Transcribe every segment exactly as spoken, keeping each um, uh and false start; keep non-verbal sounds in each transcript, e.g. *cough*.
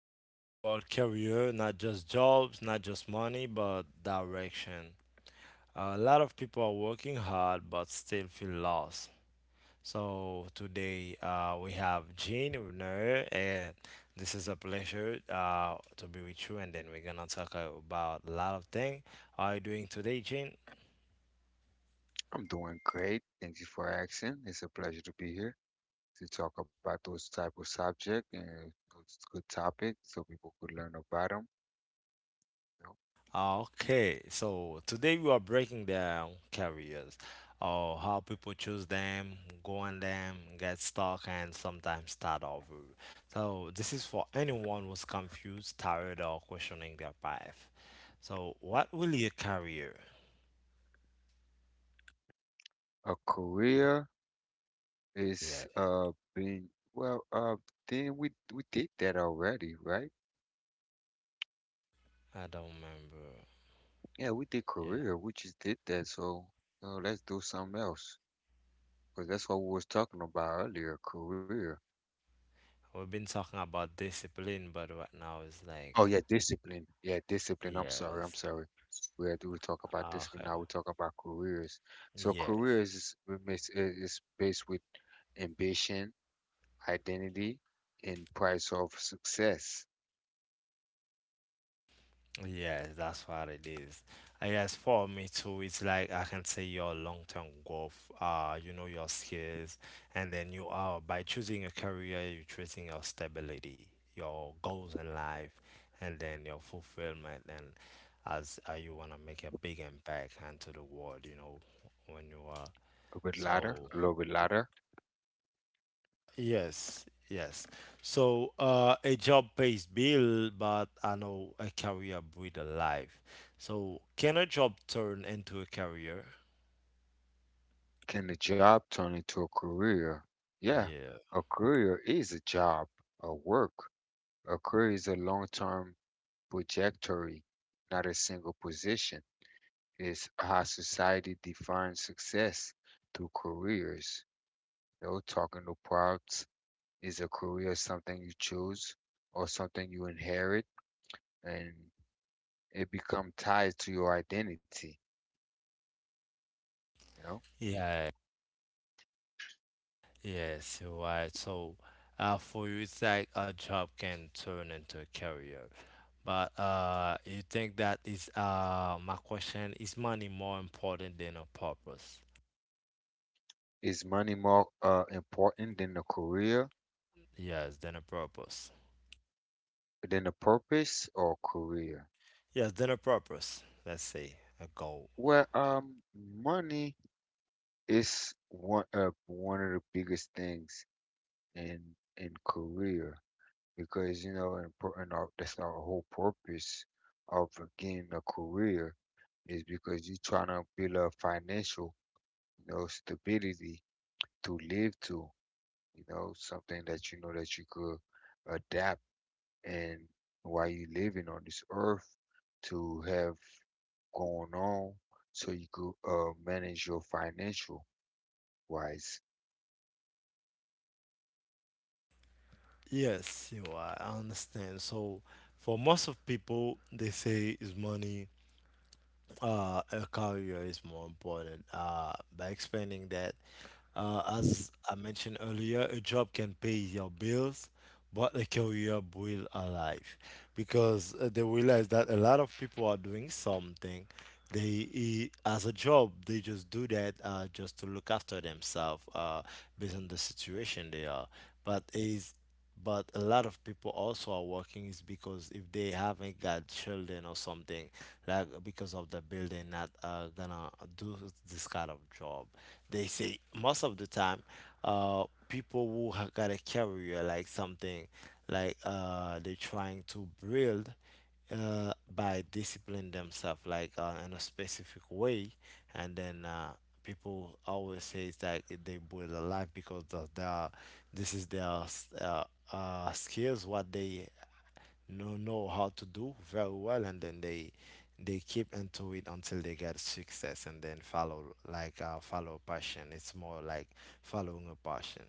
talking about career, not just jobs, not just money, but direction. A lot of people are working hard but still feel lost. So today uh, we have Jean Renner, and this is a pleasure uh, to be with you. And then we're gonna talk about a lot of things. How are you doing today, Jean? I'm doing great. Thank you for asking. It's a pleasure to be here to talk about those type of subject and those good topics so people could learn about them. You know, Okay, so today we are breaking down careers, or how people choose them, go on them, get stuck, and sometimes start over. So this is for anyone who's confused, tired, or questioning their path. So what really a career? a career Yeah, is uh being well uh then we we did that already, right? I don't remember. Yeah, we did Yeah, career. We just did that. So uh, let's do something else because that's what we was talking about earlier, career. we've been talking about discipline, but right now it's Oh like yeah, discipline. Yeah, discipline. I'm sorry. I'm yes, sorry. We had we talk about discipline. okay, Now we talk about careers. So yes. careers is is is based with ambition, identity, and price of success. Yes, that's what it is. And yes, for me too, it's like I can say your long-term growth, uh, you know, your skills, and then you are by choosing a career, you're choosing your stability, your goals in life, and then your fulfillment, and as uh, you want to make a big impact into the world, you know, when you are. A little bit louder. So A little bit louder. yes, yes. So uh, a job pays bill, but I know a career breed a life. So can a job turn into a career? Can the job turn into a career? Yeah, Yeah. a career is a job, a work. A career is a long-term trajectory, not a single position. Is how society defines success through careers. You know, talking no props. Is a career something you choose or something you inherit and it become tied to your identity, you know? Yeah. Yes, you're right. So uh, for you, it's like a job can turn into a career. But uh, you think that is uh, my question, is money more important than a purpose? Is money more uh, important than the career, Yes, than a purpose. than the purpose or career? Yes, than a purpose. Let's say a goal. Well, um, money is one uh, one of the biggest things in in career because you know, and, pro- and our, that's our whole purpose of getting a career is because you're trying to build a financial, you know, stability to live to, you know, something that you know that you could adapt and while you living on this earth to have going on so you could uh, manage your financial wise. Yes, you are. I understand. So, for most of people, they say is money, uh, a career is more important. Uh, by expanding that, uh, as I mentioned earlier, a job can pay your bills, but a career will alive because uh, they realize that a lot of people are doing something. They eh, as a job, they just do that uh, just to look after themselves uh, based on the situation they are. But is but a lot of people also are working is because if they haven't got children or something like because of the bill they're not uh, gonna do this kind of job. They say most of the time uh people who have got a career like something like uh they're trying to build uh by discipline themselves like uh, in a specific way, and then uh people always say that they build a life because of their this is their uh, uh skills what they know know how to do very well, and then they they keep into it until they get success, and then follow like uh, follow passion. It's more like following a passion.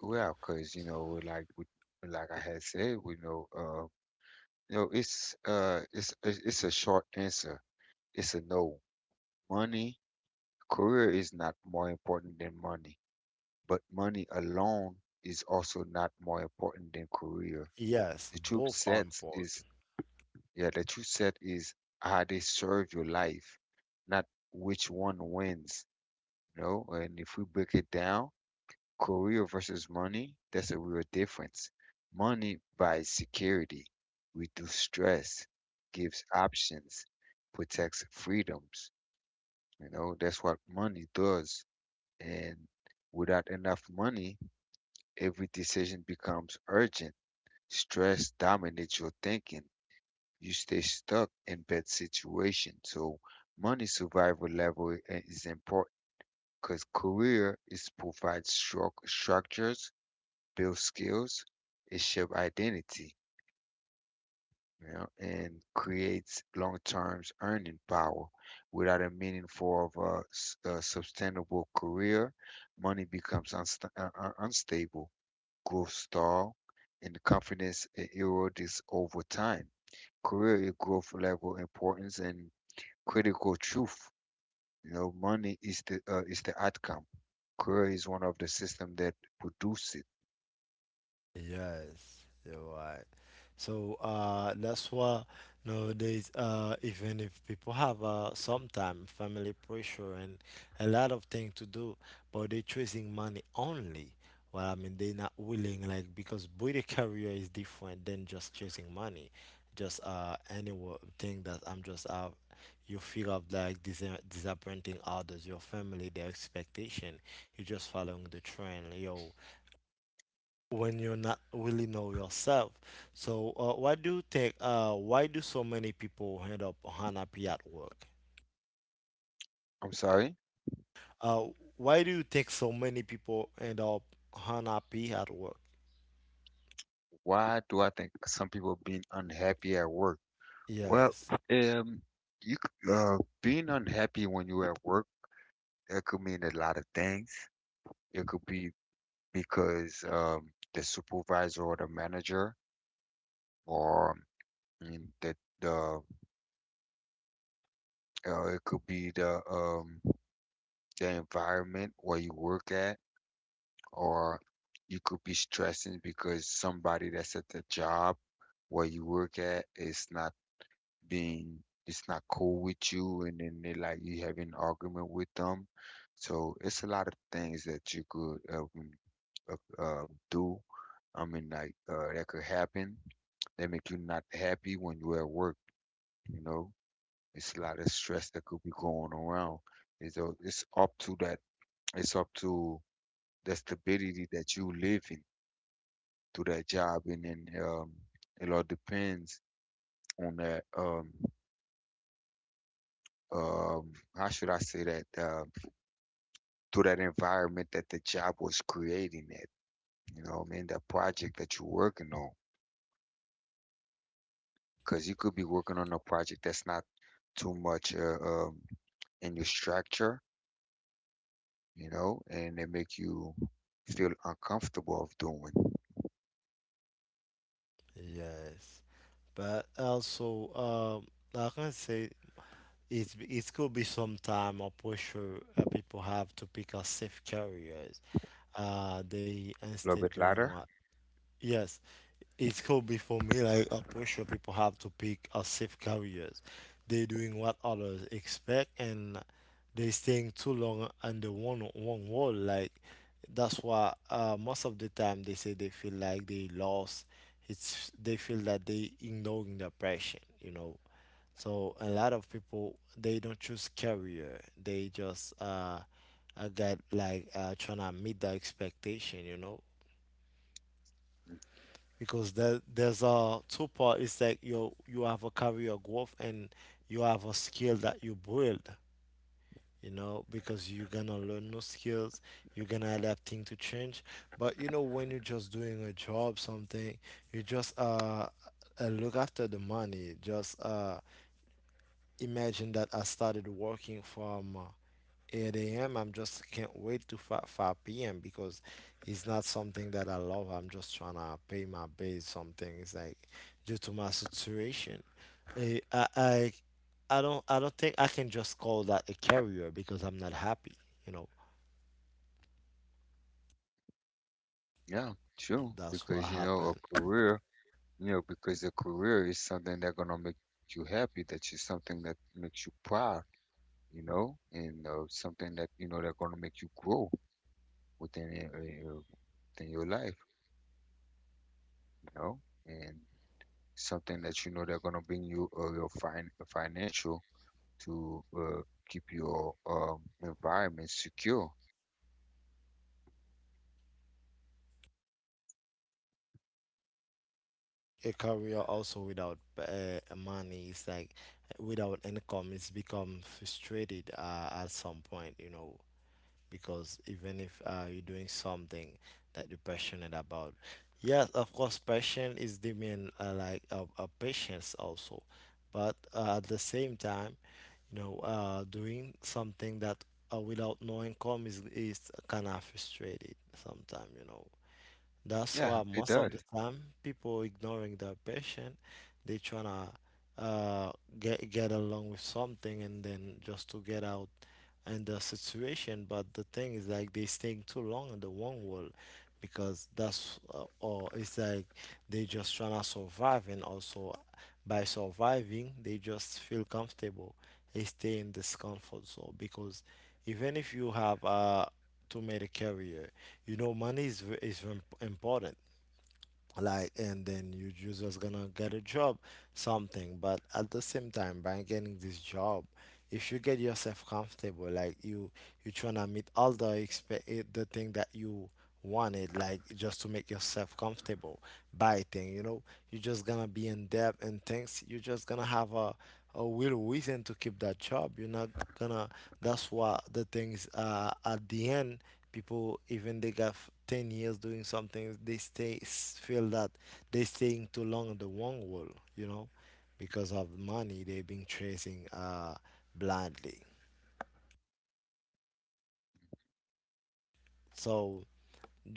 Well because you know like we- like I had said we know uh no, it's uh, it's it's it's a short answer. It's a no. Money, career is not more important than money, but money alone is also not more important than career. Yes, The truth both are set important. is, yeah, the truth set is how they serve your life, not which one wins. You know, and if we break it down, career versus money, that's a real difference. Money buys security, reduces stress, gives options, protects freedoms. You know, that's what money does. And without enough money, every decision becomes urgent. Stress dominates your thinking. You stay stuck in bad situations. So money survival level i- is important because career is provides stru- structures, builds skills, it shapes identity, you know, and creates long-term earning power. Without a meaningful of a, s- a sustainable career, money becomes unsta- uh, uh, unstable, growth stall, and confidence e- erodes over time. Career is growth level importance and critical truth. You know, money is the uh, is the outcome. Career is one of the system that produce it. Yes, you're right. So uh, that's why nowadays, uh, even if people have uh, sometime family pressure and a lot of things to do, but they're chasing money only. Well, I mean, they're not willing, like, because build a *laughs* career is different than just chasing money. Just uh, any wo- thing that I'm just out, you fear of like dis- disappointing others, your family, their expectation. You're just following the trend, yo when you're not really know yourself. So, uh, why do you think? Uh, why do so many people end up unhappy at work? I'm sorry. Uh, why do you think so many people end up unhappy at work? Why do I think some people being unhappy at work? Well, Yes, um, you c- uh, being unhappy when you're at work, that could mean a lot of things. It could be because um, the supervisor or the manager, or mm, the the uh, it could be the um, the environment where you work at, or you could be stressing because somebody that's at the job where you work at is not being, it's not cool with you and then they like you having an argument with them. So it's a lot of things that you could um, uh, uh, do. I mean, like uh, that could happen. That make you not happy when you're at work. You know, it's a lot of stress that could be going around. It's a, it's up to that. It's up to the stability that you live in through that job, and then um, it all depends on that. Um, um, how should I say that? Um, to that environment that the job was creating it. You know what I mean? That project that you're working on. Because you could be working on a project that's not too much uh, um, in your structure, you know, and they make you feel uncomfortable of doing. yes. But also, um, like I can say it's it could be some time or pressure uh, people have to pick a safe careers. Uh, they A little instead bit doing louder. what yes, it's could be for me like a pressure people have to pick a safe careers. They're doing what others expect and they staying too long under one one wall. Like that's why uh, most of the time they say they feel like they lost. It's they feel that they ignoring the passion, you know. So a lot of people they don't choose career. They just uh, uh, get like uh, trying to meet the expectation, you know because there, there's a two part. It's like you you have a career growth and you have a skill that you build. You know, because you're gonna learn new skills, you're gonna adapt thing to change. But you know, when you're just doing a job, something, you just uh, uh look after the money. Just uh, imagine that I started working from uh, eight a m. I'm just can't wait to five, five p m because it's not something that I love. I'm just trying to pay my bills. Something it's like due to my situation, Eh, I, I I don't I don't think I can just call that a career because I'm not happy. You know, Yeah, true. that's what Because you know, a happened. career, you know, because a career is something that's gonna make you happy, that is something that makes you proud. You know, and uh, something that you know that gonna make you grow within it, uh, your- within your life, you know, and something that you know they're gonna bring you uh, your fin financial to uh, keep your um, environment secure. A career also without uh, money is like without income. It's become frustrated uh, at some point. You know, because even if uh, you're doing something that you're passionate about, yes, of course, passion is the main uh, like uh, uh, patience also, but uh, at the same time, you know, uh, doing something that uh, without no income is is kind of frustrated sometimes, you know. That's Yeah, why it most of the does. time people ignoring their patient, they trying to uh, get get along with something and then just to get out in the situation. But the thing is like they staying too long in the one world because that's uh, or it's like they just trying to survive, and also by surviving they just feel comfortable. They stay in this comfort zone because even if you have uh, too many career you know money is v- is im- important, like, and then you just was gonna get a job something, but at the same time by getting this job, if you get yourself comfortable like you you trying to meet all the expe- eh, the thing that you wanted, like just to make yourself comfortable buy thing you know you're just gonna be in debt and things, you're just gonna have a a real reason to keep that job. You're not gonna, that's what the things uh at the end, people even they got f- ten years doing something they stay s- feel that they staying too long in the wrong world you know because of money they've been chasing uh blindly. So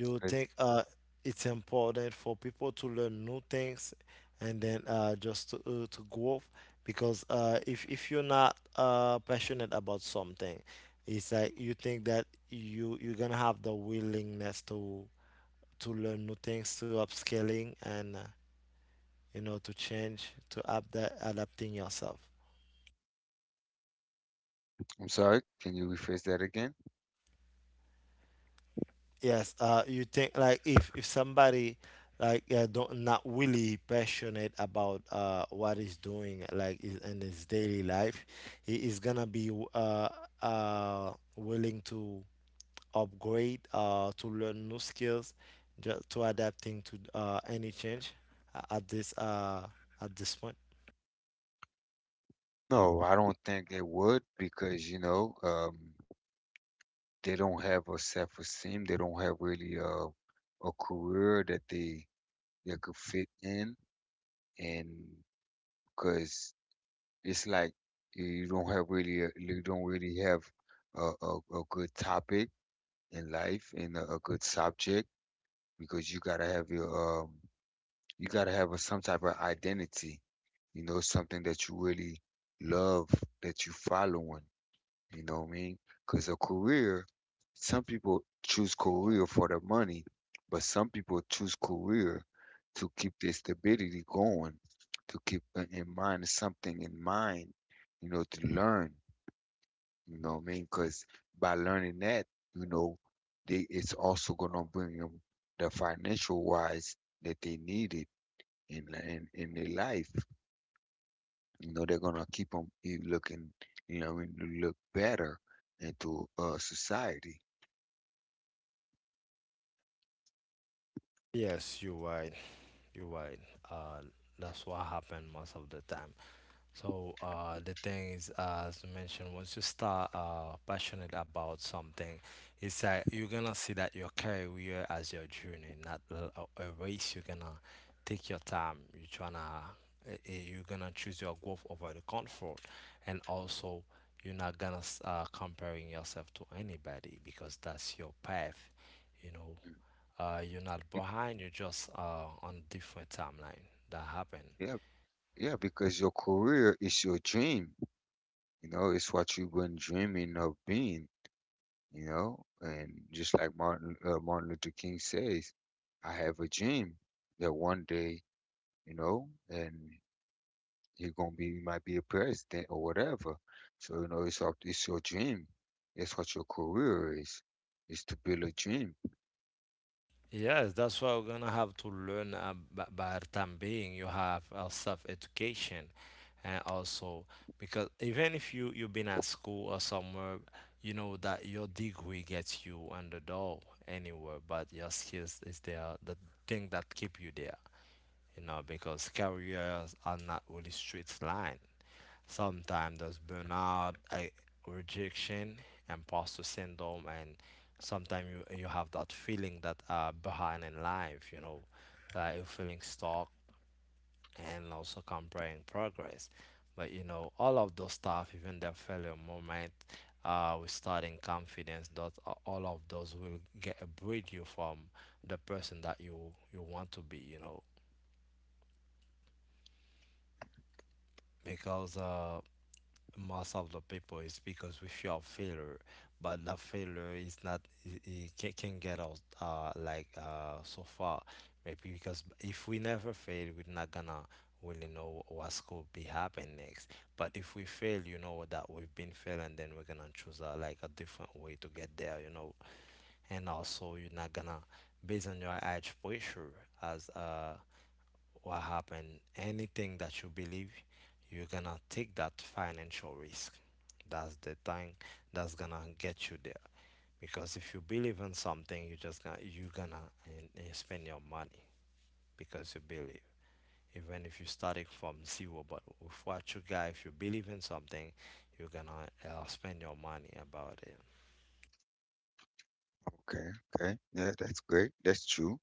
Uh, you think uh it's important for people to learn new things, and then uh just to, uh, to grow because uh if if you're not uh passionate about something, it's like you think that you you're gonna have the willingness to to learn new things, to upscaling, and uh, you know, to change, to adapt, adapting yourself. I'm sorry, can you rephrase that again? Yes, uh, you think like if if somebody like uh, don't not really passionate about uh what he's doing like is in his daily life, he is gonna be uh uh willing to upgrade uh to learn new skills, just to adapting to uh any change a- at this uh at this point. No, I don't think they would because you know um, they don't have a self-esteem. They don't have really a a career that they they could fit in and because it's like you you don't have really a, you don't really have a, a, a good topic in life and a, a good subject because you gotta have your um you gotta have a, some type of identity, you know, something that you really love that you follow on. You know what I mean? Because a career, some people choose career for the money, but some people choose career to keep their stability going, to keep in in mind something in mind, you know, to learn. You know what I mean? Because by learning that, you know, they it's also gonna bring them the financial wise that they needed in in in their life. You know, they're gonna keep them looking, you know, and to look better into uh, society. Yes, you're right. You're right. Uh, that's what happened most of the time. So uh, the thing is, as mentioned, once you start uh, passionate about something, it's like you're gonna see that your career as your journey, not l- a, a race. You're gonna take your time. You're tryna, eh, eh, you're gonna choose your growth over the comfort, and also you're not gonna s- uh, comparing yourself to anybody because that's your path. You know, Mm. uh, you're not Bec- behind, you're just uh, on a different timeline that happened. yeah, yeah, because your career is your dream. You know, it's what you've been dreaming of being. You know, and just like Martin uh, Martin Luther King says, I have a dream that one day, you know, and you're gonna be, you might be a president or whatever. So, you know, it's up, it's your dream. It's what your career is. Is to build a dream. Yes, that's why we're gonna have to learn uh, b- by the time being. You have uh, self-education, and also because even if you you've been at school or somewhere, you know that your degree gets you on the door anywhere, but your skills is there, the thing that keep you there. You know, because careers are not really straight line. Sometimes there's burnout, I, rejection, imposter syndrome, and sometimes you, you have that feeling that uh, behind in life, you know, that you're feeling stuck and also comparing progress. But you know, all of those stuff, even the failure moment, uh, with starting confidence, that a- all of those will get breed you from the person that you you want to be, you know, because uh, most of the people is because we fear of failure, but that failure is not it can, can get us uh like uh so far, maybe because if we never fail we're not gonna really know what's could be happen next, but if we fail you know that we've been failing, then we're gonna choose a, like a different way to get there, you know. And also you're not gonna based on your age pressure as uh what happened, anything that you believe, you're gonna take that financial risk. That's the thing that's gonna get you there. Because if you believe in something, you just gonna you're gonna and, and spend your money because you believe. Even if you started from zero, but with what you got, if you believe in something, you're gonna uh, spend your money about it. Okay, okay. Yeah, that's great. That's true.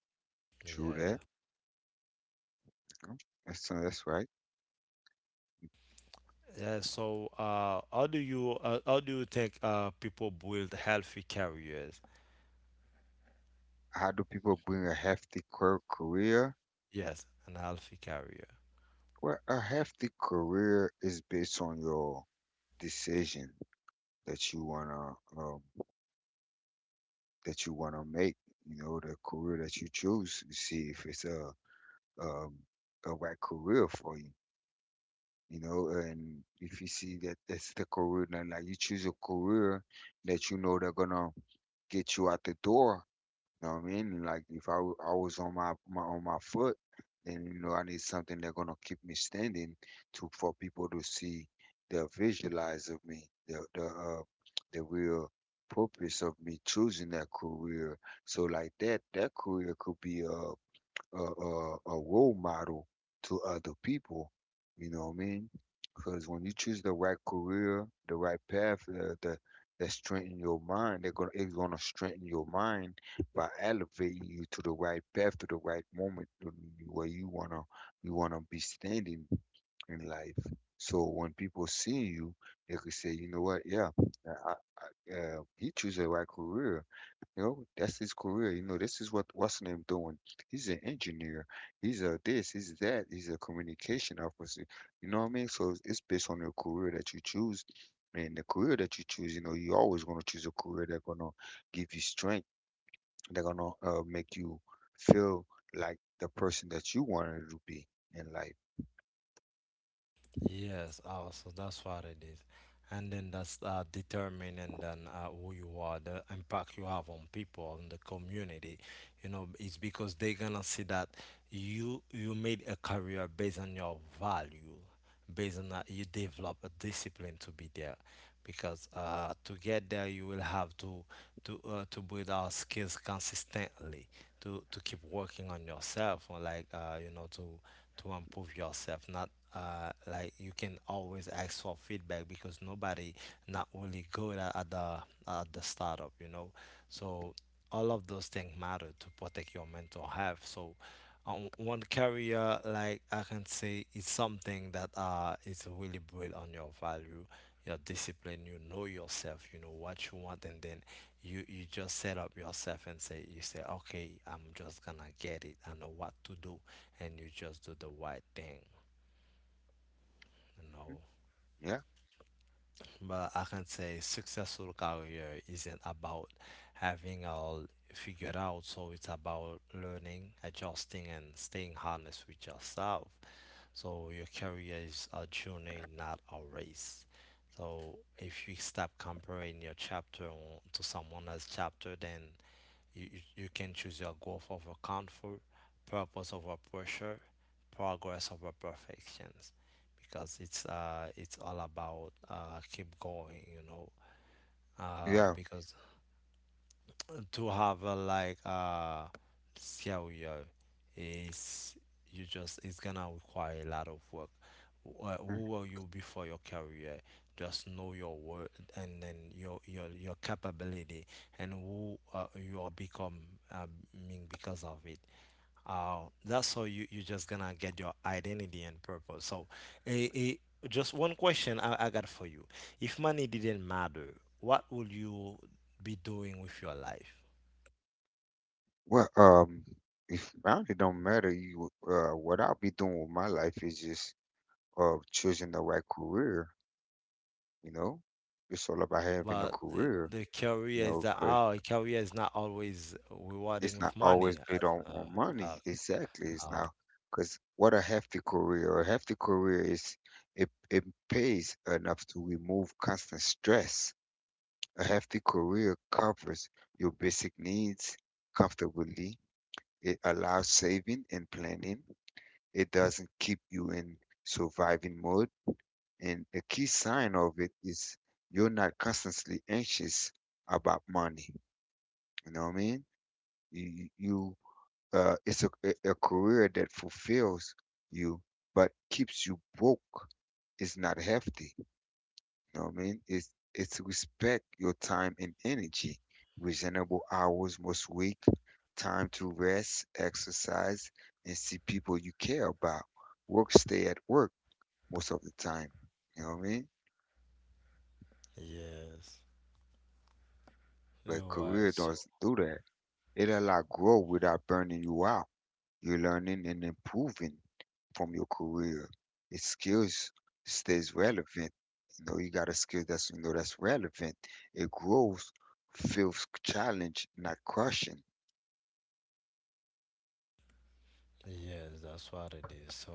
True Yeah. that. Mm, that's, uh, that's right. Yeah, so uh, how do you uh, how do you think uh, people build healthy careers. How do people bring a hefty cur- career? Yes, an alpha carrier. Well, a hefty career is based on your decision that you wanna um, that you wanna make. You know, the career that you choose. You see if it's a um, a right career for you. You know, and if you see that that's the career, then like you choose a career that you know they're gonna get you out the door. You know what I mean? And like if I wa- I was on my, my on my foot, then you know I need something that's gonna keep me standing to for people to see the visualize of me, the the uh, the real purpose of me choosing that career. So like that that career could be uh a, a, a role model to other people. You know what I mean? Because when you choose the right career, the right path, uh, the that strengthen your mind, they're gonna it's gonna strengthen your mind by elevating you to the right path, to the right moment to where you wanna you wanna be standing in life. So when people see you, they could say, you know what, yeah, I, I- uh, he chose the right career. You know, that's his career. You know, this is what what's his name doing. He's an engineer. He's a this. He's that. He's a communication officer. You know what I mean? So it's it's based on your career that you choose, and the career that you choose. You know, you always gonna choose a career that's gonna give you strength. They're gonna uh, make you feel like the person that you wanted to be in life. Yes, also that's what it is. And then that's uh, determining then uh, who you are, the impact you have on people, on the community. You know, it's because they're gonna see that you you made a career based on your value, based on that you develop a discipline to be there. Because uh, to get there, you will have to to uh, to build our skills consistently, to to keep working on yourself or like uh you know to to improve yourself not uh like you can always ask for feedback because nobody not really good at, at the at the startup, you know, so all of those things matter to protect your mental health. So um, one career, like I can say, is something that uh is really built on your value, your discipline. You know yourself, you know what you want, and then you you just set up yourself and say, you say, okay, I'm just gonna get it, I know what to do, and you just do the right thing, you Mhm. know. Yeah, But I can say successful career isn't about having all figured out. So it's about learning, adjusting, and staying honest with yourself. So your career is a journey, not a race. So if you stop comparing your chapter to someone else's chapter, then You, you, you can choose your growth over comfort, purpose over pressure, progress over perfections, because it's uh it's all about uh keep going, you know. Uh, yeah. because to have a like uh failure is, you just, it's gonna require a lot of work. uh, Mm. Who were you before your career? Just know your worth, and then your your your capability and who uh, you are become, uh, mean because of it, uh, that's how you, you just gonna get your identity and purpose. So eh, eh, just one question I, I got for you. If money didn't matter, what would you be doing with your life? Well, um, if boundary don't matter, you uh, what I'll be doing with my life is just uh choosing the right career. You know, it's all about having a But uh, career. the You career is know, that 'cause our career is not always rewarding it's not with money always as big on, uh, on uh, money. Exactly. It's uh, not because what a hefty career. A hefty career is it it pays enough to remove constant stress. A hefty career covers your basic needs comfortably. It allows saving and planning. It doesn't keep you in surviving mode. And the key sign of it is you're not constantly anxious about money. You know what I mean? You you uh, it's a, a a career that fulfills you but keeps you broke, it's not healthy. You know what I mean, it's it's respect your time and energy, reasonable hours most week, time to rest, exercise, and see people you care about. Work stay at work most of the time, you know what I mean? yes, But you're right. career So doesn't do that. It allow growth without burning you out. You're learning and improving from your career. Your skills stays relevant. You know, you got a skill that's you know that's relevant. It grows, feels challenge, not crushing. yes, that's what it is. So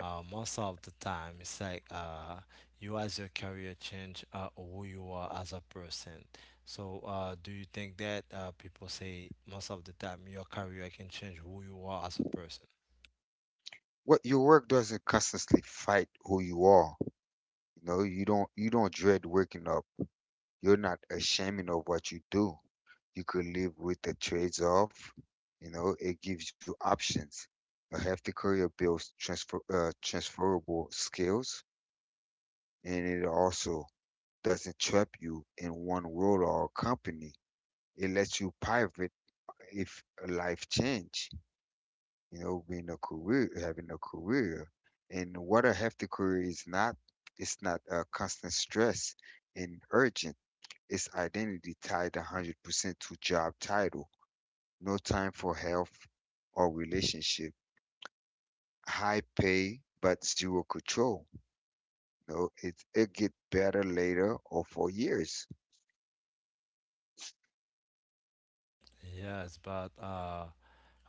uh, most of the time, it's like uh, you as your career change uh, who you are as a person. So uh, do you think that uh, people say most of the time your career can change who you are as a person? What your work doesn't constantly fight who you are. You know, you don't you don't dread waking up. You're not ashamed of what you do. You could live with the trades off. You know, it gives you options. A healthy career builds transfer uh, transferable skills and it also doesn't trap you in one role or company. It lets you pivot if life change, you know, being a career, having a career. And what a hefty career is not, it's not a constant stress and urgent. It's identity tied one hundred percent to job title. No time for health or relationship. High pay, but zero control. No, it, it get better later or for years. Yes, but uh,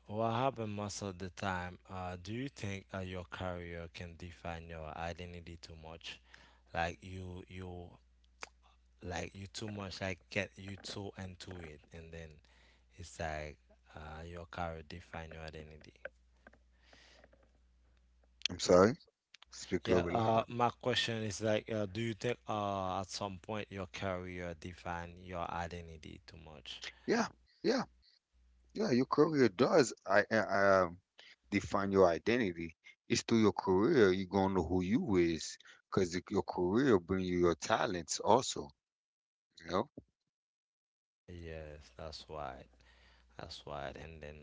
what happened most of the time? Uh, do you think uh, your career can define your identity too much? Like you, you like you too much, like get you too into it, and then it's like uh your career define your identity. I'm sorry. Speak Yeah, global uh language. my question is like uh, do you think uh at some point your career define your identity too much? Yeah, yeah, yeah, your career does I, I, um, define your identity. It's through your career you're gonna know who you is, cause your career bring you your talents also. You know, Yes that's right that's right and then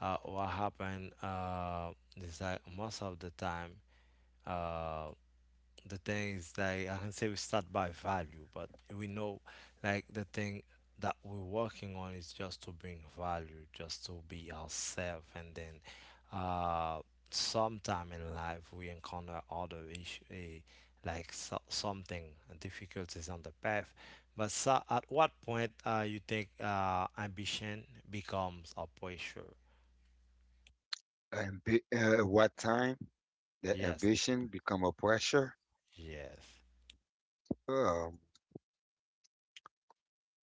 uh what happened uh is like most of the time, uh the things that I can say, we start by value, but we know like the thing that we're working on is just to bring value, just to be ourselves, and then uh, sometime in life we encounter other issue, eh, like so- something difficulties on the path. But so at what point uh, you think uh, ambition becomes a pressure? Ambi- uh, at what time the Yes, ambition become a pressure? yes, Um,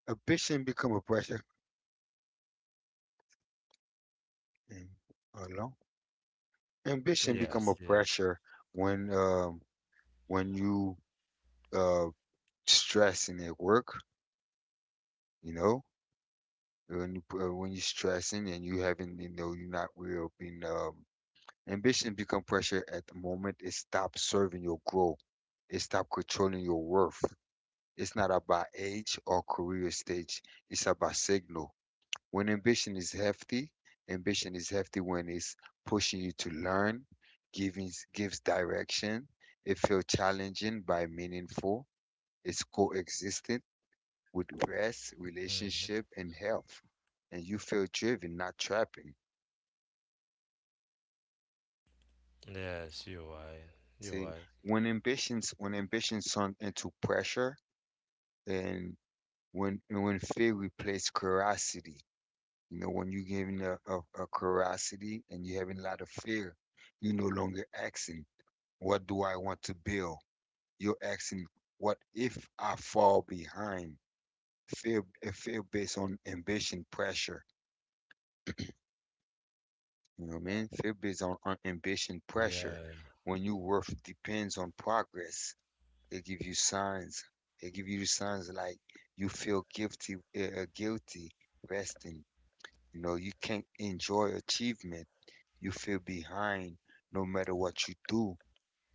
ambition become a pressure. mm, Hello. Ambition become yes, a yeah. pressure when um when you uh stressing at work. You know, when you pu- uh, when you're stressing and you haven't you know you're not real being um Ambition become pressure at the moment it stops serving your growth. It stops controlling your worth. It's not about age or career stage, it's about signal. When ambition is hefty, ambition is hefty when it's pushing you to learn, giving gives direction. It feels challenging by meaningful. It's coexistent with rest, Hmm. relationship, and health. And you feel driven, not trapping. Yes, you're right. You're See, right. when ambitions when ambitions turn into pressure and when and when fear replaces curiosity. You know, when you're giving a, a, a curiosity and you're having a lot of fear, you no longer asking, what do I want to build? You're asking, what if I fall behind? Fear, a fear based on ambition pressure. You know what I mean? Fear based on on ambition pressure. Yeah, When your worth depends on progress, they give you signs. They give you signs like you feel guilty, uh, guilty resting. You know, you can't enjoy achievement. You feel behind no matter what you do.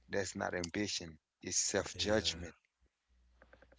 That's not ambition. It's yeah, self-judgment.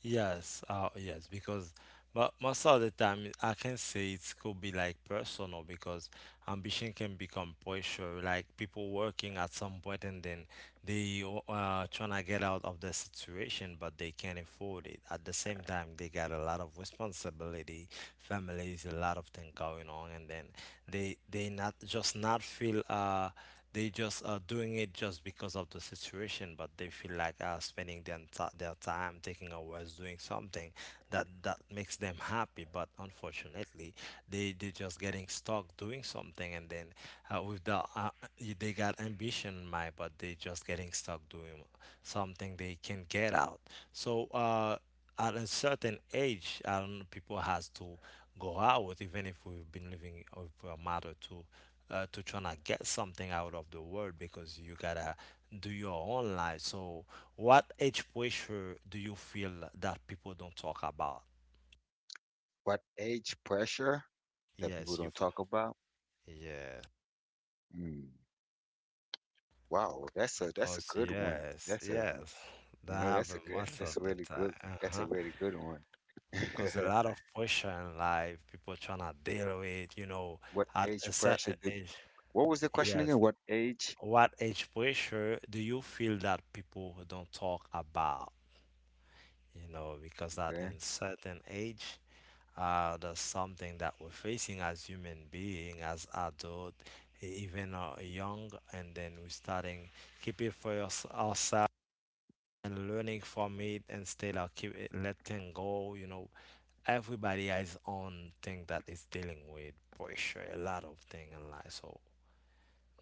yes, uh, yes, because, but most of the time I can say it could be like personal, because ambition can become pressure, like people working at some point, and then they uh trying to get out of the situation but they can't afford it. At the same time, they got a lot of responsibility, families, a lot of things going on, and then they they not just not feel uh. They just are doing it just because of the situation, but they feel like uh, spending their enti- their time taking a rest, doing something that that makes them happy. But unfortunately, they they just getting stuck doing something, and then uh, with the uh, y- they got ambition in mind, but they just getting stuck doing something they can get out. So. Uh, at a certain age, I don't know, people has to go out, even if we've been living with a matter to uh, to trying to get something out of the world, because you gotta do your own life. So, what age pressure do you feel that people don't talk about? What age pressure that people Yes, you. don't talk about? Yeah, Mm, wow, that's a that's a because good one. yes, That's a— yes, you that know, that's happen a good, most of that's a the really time. good, that's a Uh-huh. really good one. Because *laughs* a lot of pressure in life, people trying to deal with, you know, What at a age pressure certain did, age. what was the question again? Yes. What age? What age pressure do you feel that people don't talk about? You know, because at Okay. a certain age, uh, there's something that we're facing as human being, as adult, e- even uh, young, and then we're starting keep it for us, ourselves, and learning from it instead of keep it, letting go. You know, everybody has own thing that is dealing with pressure, a lot of thing in life. So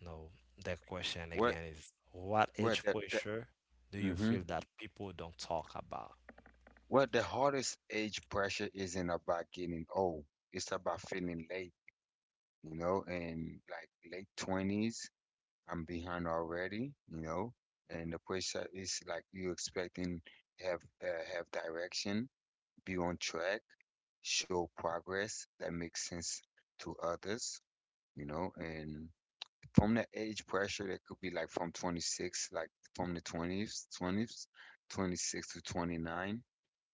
no, the question What, again is, what what age the, the, pressure do you hmm. feel that people don't talk about? What the hardest age pressure isn't about getting old. It's about feeling late, you know, and like late twenties, I'm behind already, you know, and the pressure is like you expecting have uh, have direction, be on track, show progress that makes sense to others, you know, and from that age pressure that could be like from twenty-six, like from the twenties twenties, twenty-six to twenty-nine,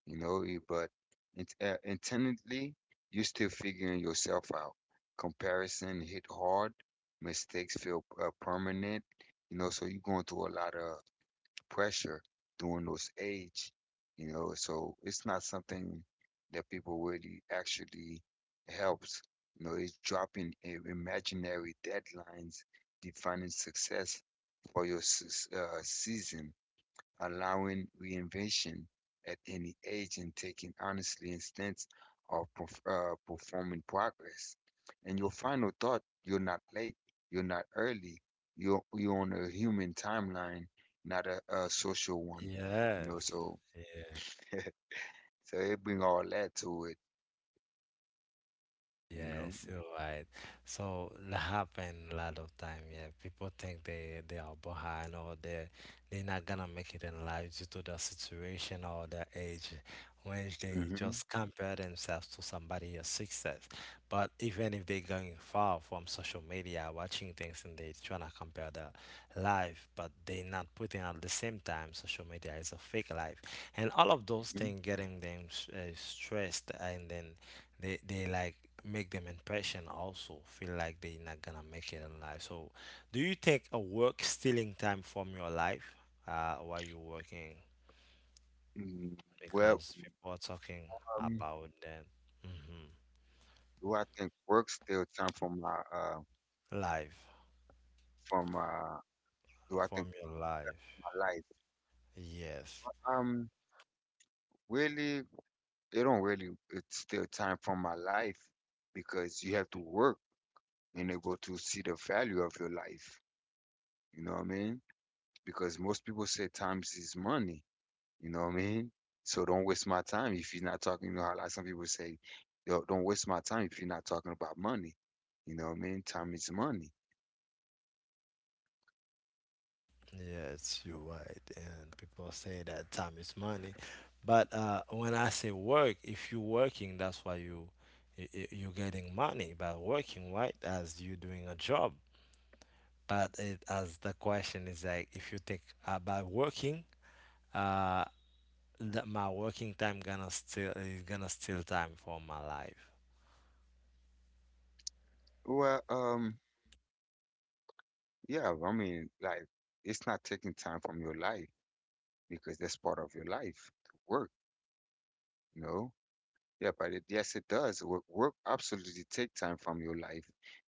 you know, you- but int uh, intently, you're still figuring yourself out. Comparison hit hard, mistakes feel uh, permanent, you know, so you're going through a lot of pressure during those age, you know. So it's not something that people really actually helps. You know, it's dropping i- imaginary deadlines, defining success for your s- uh, season, allowing reinvention at any age and taking honestly instance of perf- uh, performing progress. And your final thought, you're not late, you're not early, you're, you're on a human timeline, not a, a social one, you know, Yes. so *laughs* so it bring all that to it, you know. Yes, you're right. So that happen a lot of time. Yeah, people think they they are behind, or they they're not gonna make it in life due to their situation or their age, when they Hmm. just compare themselves to somebody else's success. But even if they're going far from social media, watching things, and they trying to compare their life, but they not putting at the same time, social media is a fake life, and all of those Hmm. things getting them s- uh, stressed, and then they they like make them impression also, feel like they not gonna make it in life. So do you think a work stealing time from your life uh while you're working, Mm. Well, because people are talking um, about that? Hmm. do I think work still time from my uh Life from uh do I think from your life. my life? Yes, Um, really, they don't really it's still time from my life because you have to work in able to see the value of your life. You know what I mean? Because most people say times is money. You know what I mean? So don't waste my time if you're not talking. You know how like some people say, "Yo, don't waste my time if you're not talking about money. You know what I mean? Time is money." yes, you're right. And people say that time is money, but uh when I say work, if you're working, that's why you you y- you're getting money by working, right, as you doing a job. But it, as the question is like, if you think about working, uh, that my working time gonna still is gonna steal time from my life. Well, um, yeah, I mean, like, it's not taking time from your life because that's part of your life to work, you know? Yeah, but it, yes, it does. Work, work absolutely take time from your life.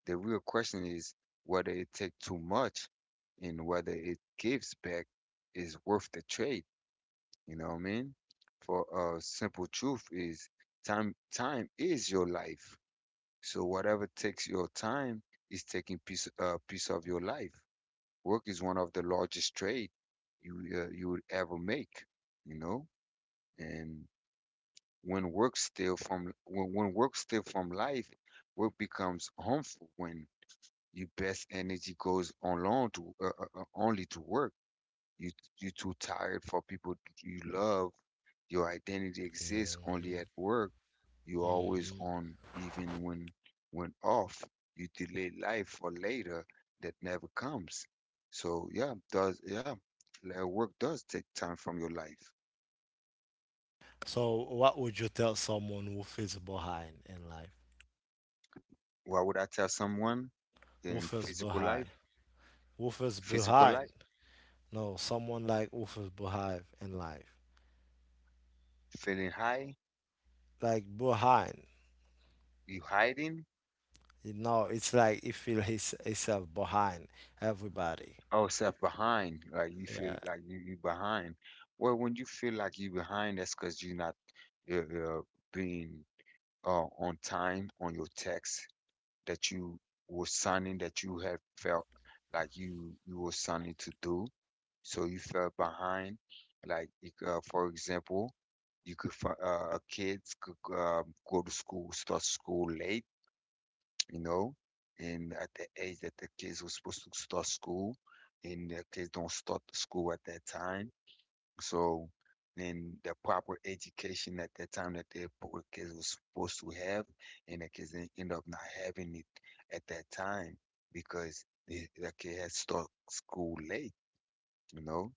The real question is whether it take too much and whether it gives back is worth the trade. You know what I mean? For uh, simple truth is time. Time is your life. So whatever takes your time is taking piece uh, piece of your life. Work is one of the largest trade you uh, you would ever make. You know, and when work steal from when, when work steal from life, work becomes harmful when your best energy goes on long to uh, uh, uh, only to work. You you too tired for people you love. Your identity exists Yeah. only at Mhm. work. You always on even when when off. You delay life for later that never comes. So yeah, does yeah, le- work does take time from your life. So what would you tell someone who feels behind in life? Why would I tell someone Who in feels physical behind? life? Who feels Physical behind? light, No, someone like who feels behind in life, feeling high, like behind. you hiding, You know, it's like he feel his himself behind everybody. or self behind, like you feel Yeah. like you you behind. Well, when you feel like you behind, that's because you're not you're, you're being uh, on time on your text that you were signing that you had felt like you you were signing to do, so you felt behind. Like you c- uh, for example, you could fi- uh, kids could um, go to school, start school late, you know, and at the age that the kids were supposed to start school, and the kids don't start the school at that time. So, and the proper education at that time that the poor kids were supposed to have, and the kids en- end up not having it at that time because the, the kid had start school late, you know?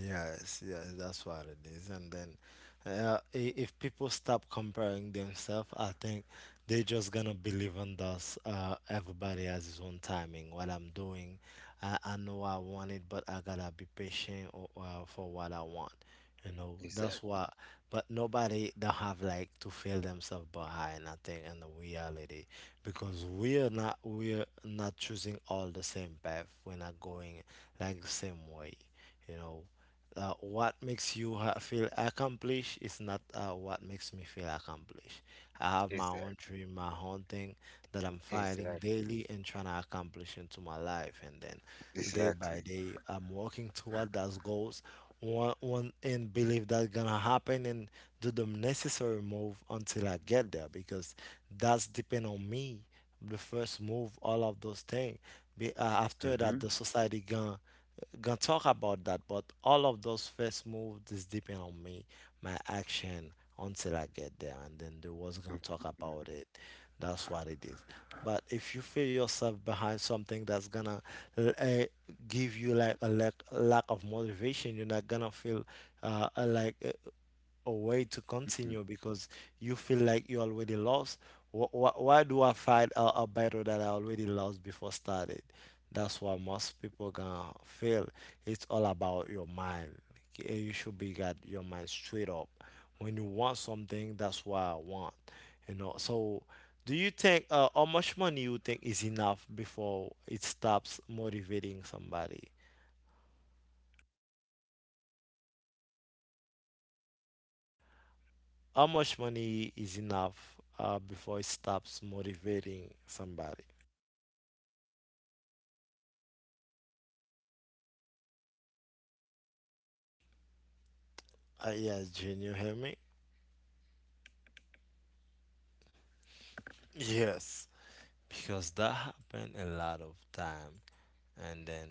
Yes, yes, that's what it is. And then, uh, i- if people stop comparing themselves, I think they're just gonna believe in us. Uh, everybody has his own timing. What I'm doing, I, I know I want it, but I gotta be patient or, uh, for what I want. You know, that's Exactly. why. But nobody don't have like to feel themselves behind. I think in the reality, because we're not we're not choosing all the same path. We're not going like the same way, you know. Uh, what makes you ha- feel accomplished is not uh, what makes me feel accomplished. I have my own Exactly. dream, my own thing that I'm fighting Exactly. daily and trying to accomplish into my life, and then day by Exactly. day I'm working toward those goals, one, one and believe that's gonna happen, and do the necessary move until I get there, because that's depend on me, the first move, all of those things. Be, uh, after Mm-hmm. that, the society gonna gonna talk about that. But all of those first moves is depend on me, my action, until I get there, and then they was Mm-hmm. gonna talk Mm-hmm, about mm-hmm. it. That's what it is. But if you feel yourself behind, something that's gonna uh, give you like a lack, lack of motivation, you're not gonna feel uh, uh, like uh, a way to continue, because you feel like you already lost. Wh- wh- Why do I fight a, a battle that I already lost before started? That's why most people gonna fail. It's all about your mind. Eh, You should be got your mind straight up. When you want something, that's what I want. You know. So, do you think uh, how much money you think is enough before it stops motivating somebody? How much money is enough uh, before it stops motivating somebody? Uh, yeah, Jane, you hear me? Yes, because that happened a lot of time, and then